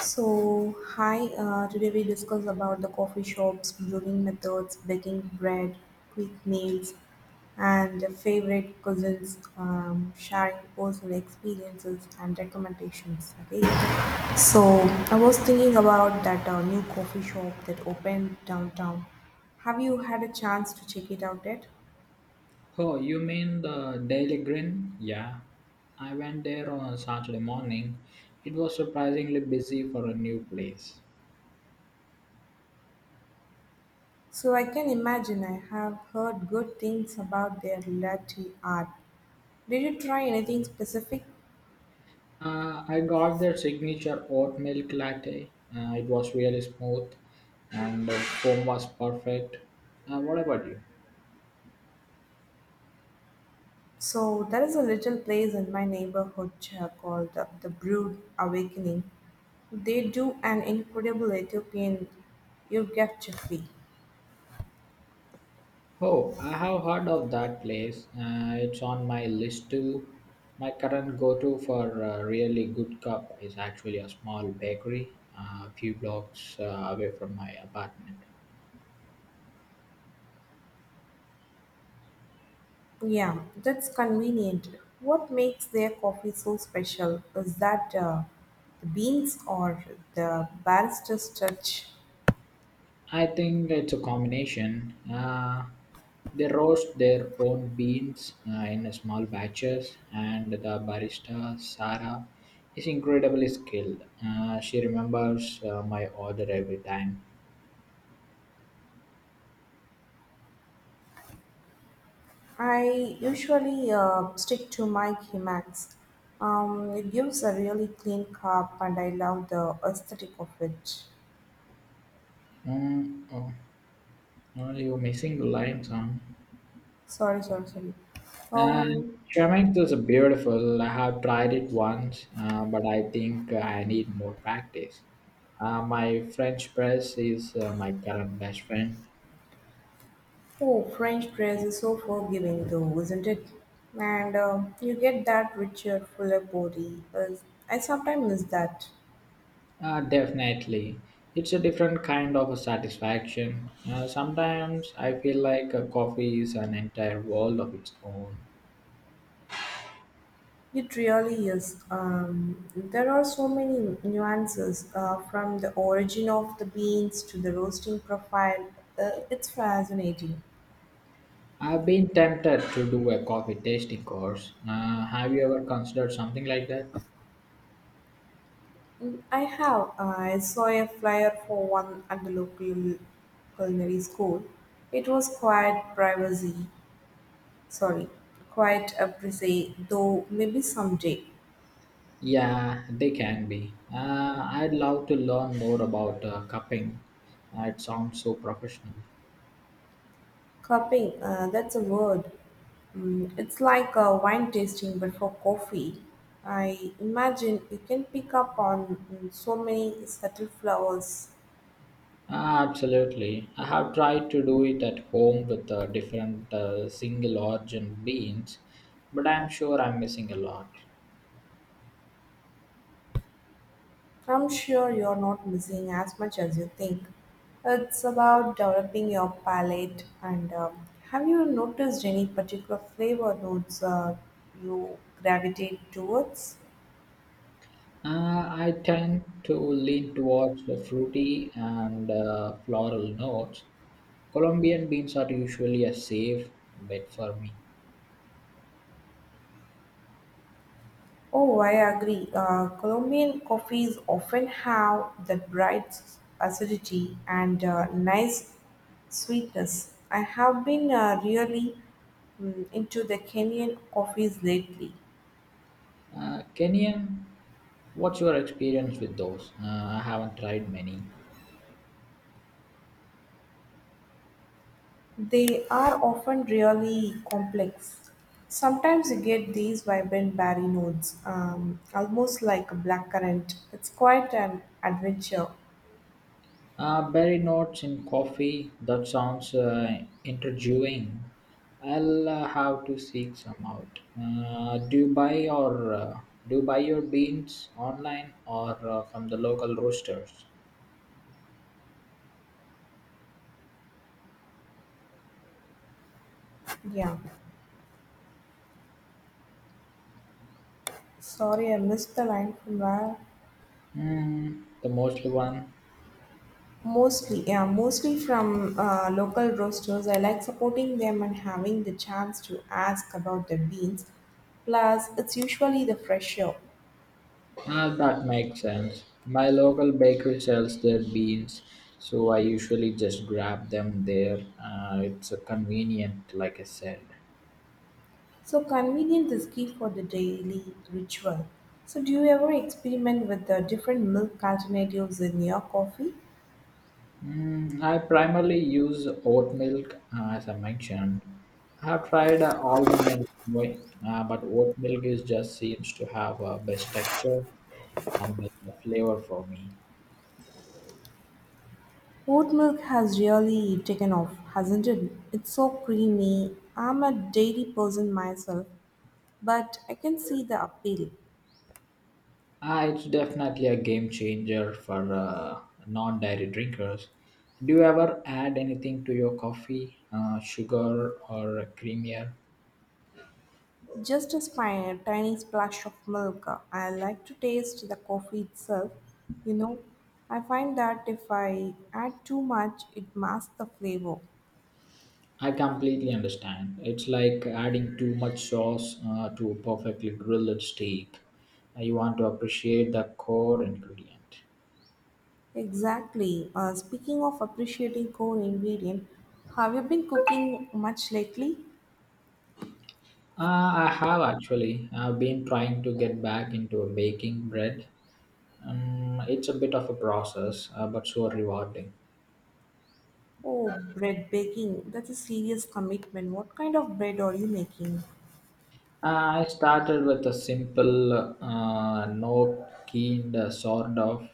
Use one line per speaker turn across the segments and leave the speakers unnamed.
So, hi, today we discuss about the coffee shops, brewing methods, baking bread, quick meals, and the favorite cousins, sharing personal experiences and recommendations. Okay, so I was thinking about that new coffee shop that opened downtown. Have you had a chance to check it out yet?
Oh, you mean the Daily Grin? Yeah. I went there on Saturday morning. It was surprisingly busy for a new place.
So I can imagine I have heard good things about their latte art. Did you try anything specific?
I got their signature oat milk latte. It was really smooth and the foam was perfect. What about you?
So there is a little place in my neighborhood called the Brood Awakening. They do an incredible Ethiopian urgachefli.
Oh, I have heard of that place. It's on my list too. My current go to for a really good cup is actually a small bakery a few blocks away from my apartment.
Yeah, that's convenient. What makes their coffee so special is that the beans or the barrister's touch.
I think it's a combination. They roast their own beans in small batches, and the barista Sarah is incredibly skilled. She remembers my order every time.
I usually stick to my Himax. It gives a really clean cup, and I love the aesthetic of it.
Mm, oh, oh, you're missing the lime song.
Sorry, sorry, sorry.
And
Um,
Chemex is beautiful. I have tried it once, but I think I need more practice. My French press is my current best friend.
oh, French press is so forgiving, though, isn't it? And you get that richer, fuller body. I sometimes miss that.
Definitely. It's a different kind of a satisfaction. Sometimes I feel like a coffee is an entire world of its own.
It really is. There are so many nuances from the origin of the beans to the roasting profile. It's fascinating.
I've been tempted to do a coffee tasting course. Have you ever considered something like that?
Mm, I have. I saw a flyer for one at the local culinary school. It was quite privacy, sorry, quite appreciate, though maybe someday.
Yeah, they can be. I'd love to learn more about cupping. It sounds so professional.
Cupping, that's a word. Mm, it's like a wine tasting but for coffee. I imagine you can pick up on so many subtle flowers.
Absolutely. I have tried to do it at home with different single origin beans, but I'm sure I'm missing a lot.
I'm sure you're not missing as much as you think. It's about developing your palate. And have you noticed any particular flavor notes you gravitate towards?
Uh, I tend to lean towards the fruity and floral notes. Colombian beans are usually a safe bet for me.
Oh, I agree. Colombian coffees often have that bright acidity and nice sweetness. I have been really, into the Kenyan coffees lately.
Kenyan, what's your experience with those? I haven't tried many.
They are often really complex. Sometimes you get these vibrant berry notes, almost like a blackcurrant. It's quite an adventure.
Berry notes in coffee, that sounds intriguing. I'll have to seek some out. Do you buy or do you buy your beans online or from the local roasters?
Yeah. Sorry, I missed the line from where.
Mm, the mostly one.
Mostly, yeah, mostly from local roasters. I like supporting them and having the chance to ask about the beans. Plus, it's usually the fresher,
Ah, that makes sense. My local bakery sells their beans, so I usually just grab them there. It's convenient, like I said.
so convenient is key for the daily ritual. So, do you ever experiment with the different milk alternatives in your coffee?
Mm, I primarily use oat milk, as I mentioned. I have tried almond and soy, but oat milk is just seems to have best texture and flavor for me.
Oat milk has really taken off, hasn't it? It's so creamy. I'm a dairy person myself, but I can see the appeal.
It's definitely a game changer for non-dairy drinkers. Do you ever add anything to your coffee, sugar or creamier?
Just a spine, a tiny splash of milk. I like to taste the coffee itself. You know, I find that if I add too much, it masks the flavor.
I completely understand. It's like adding too much sauce to a perfectly grilled steak. You want to appreciate the core ingredient.
Exactly. Speaking of appreciating core ingredient, have you been cooking much lately?
I have actually. I've been trying to get back into a baking bread. It's a bit of a process, but so rewarding.
Oh, bread baking. That's a serious commitment. What kind of bread are you making?
I started with a simple, no keen sort of.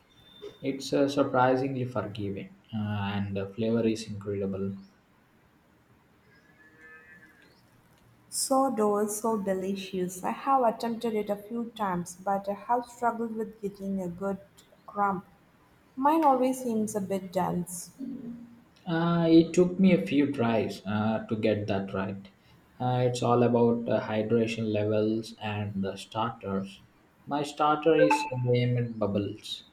It's surprisingly forgiving, and the flavor is incredible.
Sourdough is so delicious. I have attempted it a few times, but I have struggled with getting a good crumb. Mine always seems a bit dense.
It took me a few tries to get that right. It's all about hydration levels and the starters. My starter is named Bubbles.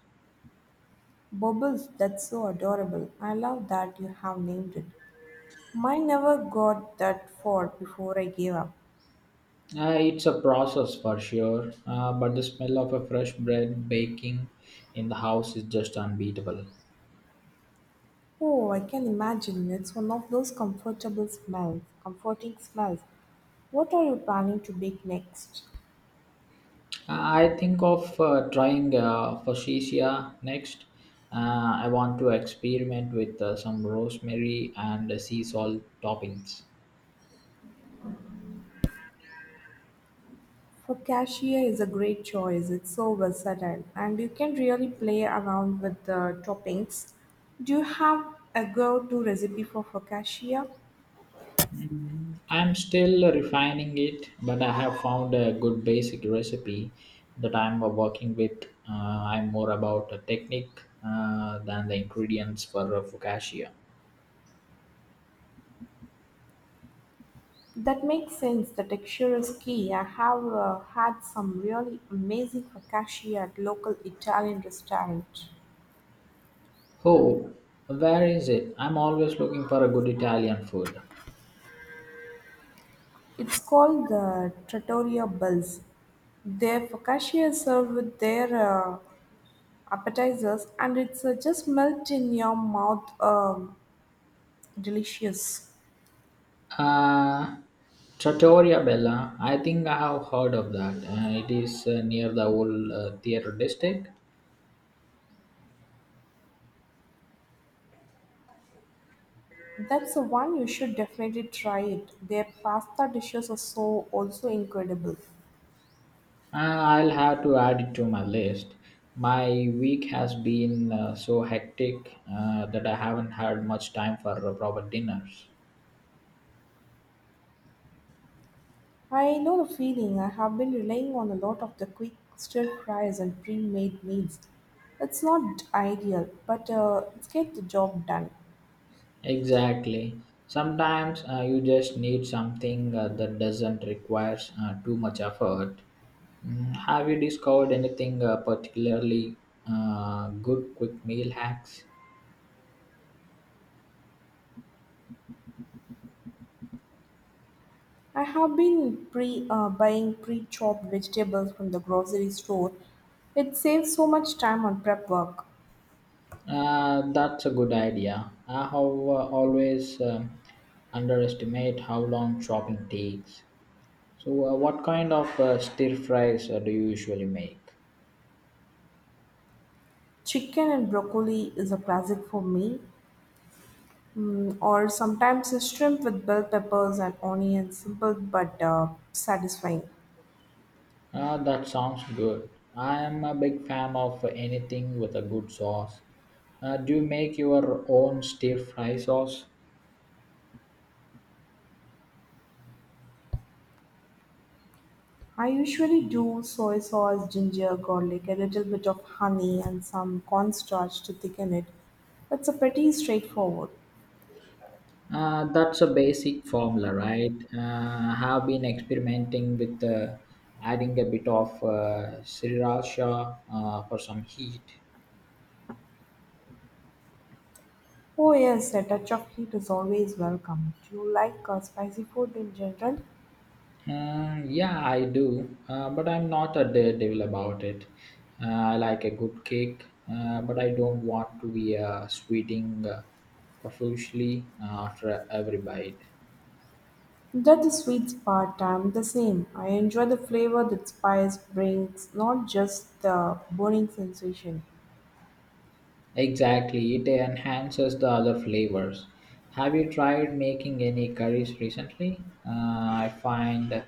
Bubbles, that's so adorable. I love that you have named it. Mine never got that far before I gave up.
It's a process for sure, but the smell of a fresh bread baking in the house is just unbeatable.
Oh, I can imagine. It's one of those comfortable smells, comforting smells. What are you planning to bake next?
I think of trying Fuchsia next. I want to experiment with some rosemary and sea salt toppings.
Focaccia is a great choice. It's so versatile, and you can really play around with the toppings. Do you have a go-to recipe for focaccia?
Mm, I'm still refining it, but I have found a good basic recipe that I'm working with. I'm more about the technique than the ingredients for focaccia.
That makes sense. The texture is key. I have had some really amazing focaccia at local Italian restaurant.
Oh, where is it? I'm always looking for a good Italian food.
It's called the Trattoria Bells. Their focaccia is served with their appetizers, and it's just melt in your mouth. Delicious.
Uh, Trattoria Bella. I think I have heard of that. It is near the old theater district.
That's the one, you should definitely try it. Their pasta dishes are so also incredible.
I'll have to add it to my list. My week has been so hectic that I haven't had much time for proper dinners.
I know the feeling. I have been relying on a lot of the quick stir fries and pre-made meals. It's not ideal, but it's get the job done.
Exactly. Sometimes you just need something that doesn't require too much effort. Mm, have you discovered anything particularly good quick meal hacks?
I have been pre buying pre-chopped vegetables from the grocery store. It saves so much time on prep work.
That's a good idea. I have always underestimate how long shopping takes. So, what kind of stir fries do you usually make?
Chicken and broccoli is a classic for me. Mm, or sometimes a shrimp with bell peppers and onions, simple but satisfying.
Ah, that sounds good. I am a big fan of anything with a good sauce. Do you make your own stir fry sauce?
I usually do soy sauce, ginger, garlic, a little bit of honey, and some cornstarch to thicken it. It's a pretty straightforward.
That's a basic formula, right? I have been experimenting with adding a bit of sriracha for some heat.
Oh, yes, a touch of heat is always welcome. Do you like spicy food in general?
Yeah, I do, but I'm not a daredevil about it. I like a good cake, but I don't want to be sweating profusely after every bite.
That's the sweet part. I'm the same. I enjoy the flavor that spice brings, not just the burning sensation.
Exactly, it enhances the other flavors. Have you tried making any curries recently? I find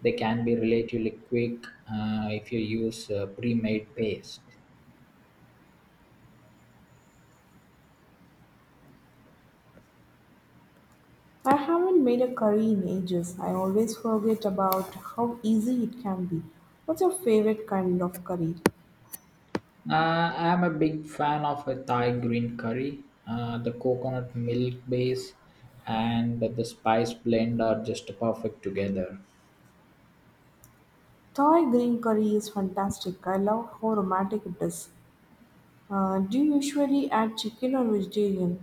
they can be relatively quick if you use pre-made paste.
I haven't made a curry in ages. I always forget about how easy it can be. What's your favorite kind of curry?
I'm a big fan of a Thai green curry. The coconut milk base and the spice blend are just perfect together.
Thai green curry is fantastic. I love how aromatic it is. Do you usually add chicken or vegetarian?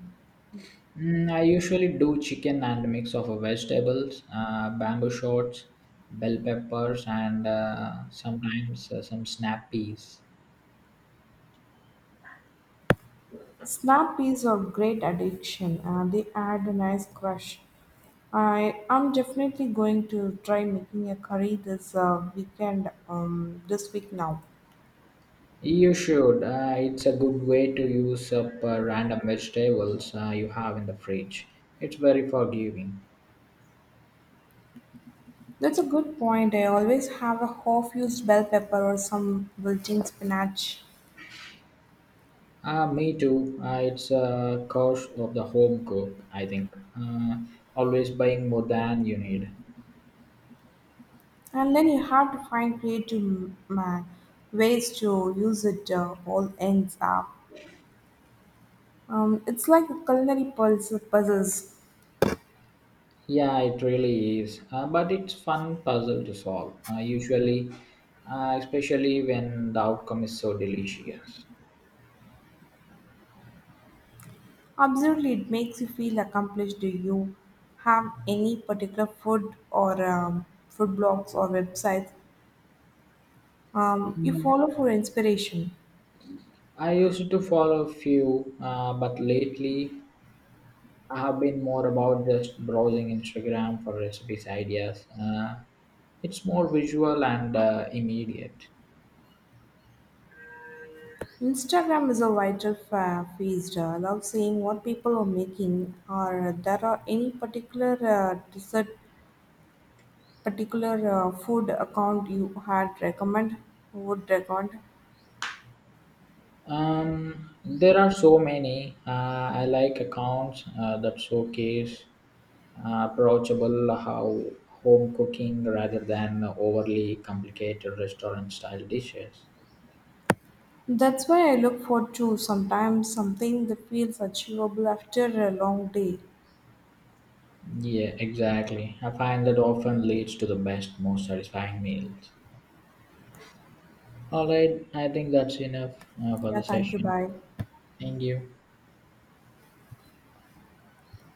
Mm, I usually do chicken and a mix of vegetables, bamboo shoots, bell peppers, and sometimes some snap peas.
Snap peas are great addiction. They add a nice crush. I am definitely going to try making a curry this weekend. This week now.
You should. It's a good way to use up random vegetables you have in the fridge. It's very forgiving.
That's a good point. I always have a half used bell pepper or some wilting spinach.
Me too. It's a cost of the home cook, I think. Uh, Always buying more than you need.
And then you have to find creative ways to use it all ends up. It's like a culinary puzzle, puzzles.
Yeah, it really is. But it's fun puzzle to solve. Usually, especially when the outcome is so delicious.
Absolutely, it makes you feel accomplished. Do you have any particular food or food blogs or websites you follow for inspiration?
I used to follow a few, but lately I have been more about just browsing Instagram for recipes ideas. It's more visual and immediate.
Instagram is a feast. I love seeing what people are making, or there are any particular food account you had recommend would recommend.
There are so many. I like accounts that showcase approachable how home cooking rather than overly complicated restaurant style dishes.
That's why I look forward to sometimes something that feels achievable after a long day.
Yeah, exactly. I find that often leads to the best, most satisfying meals. All right, I think that's enough for
Yeah,
the
thank you.
session.
Bye.
Thank you.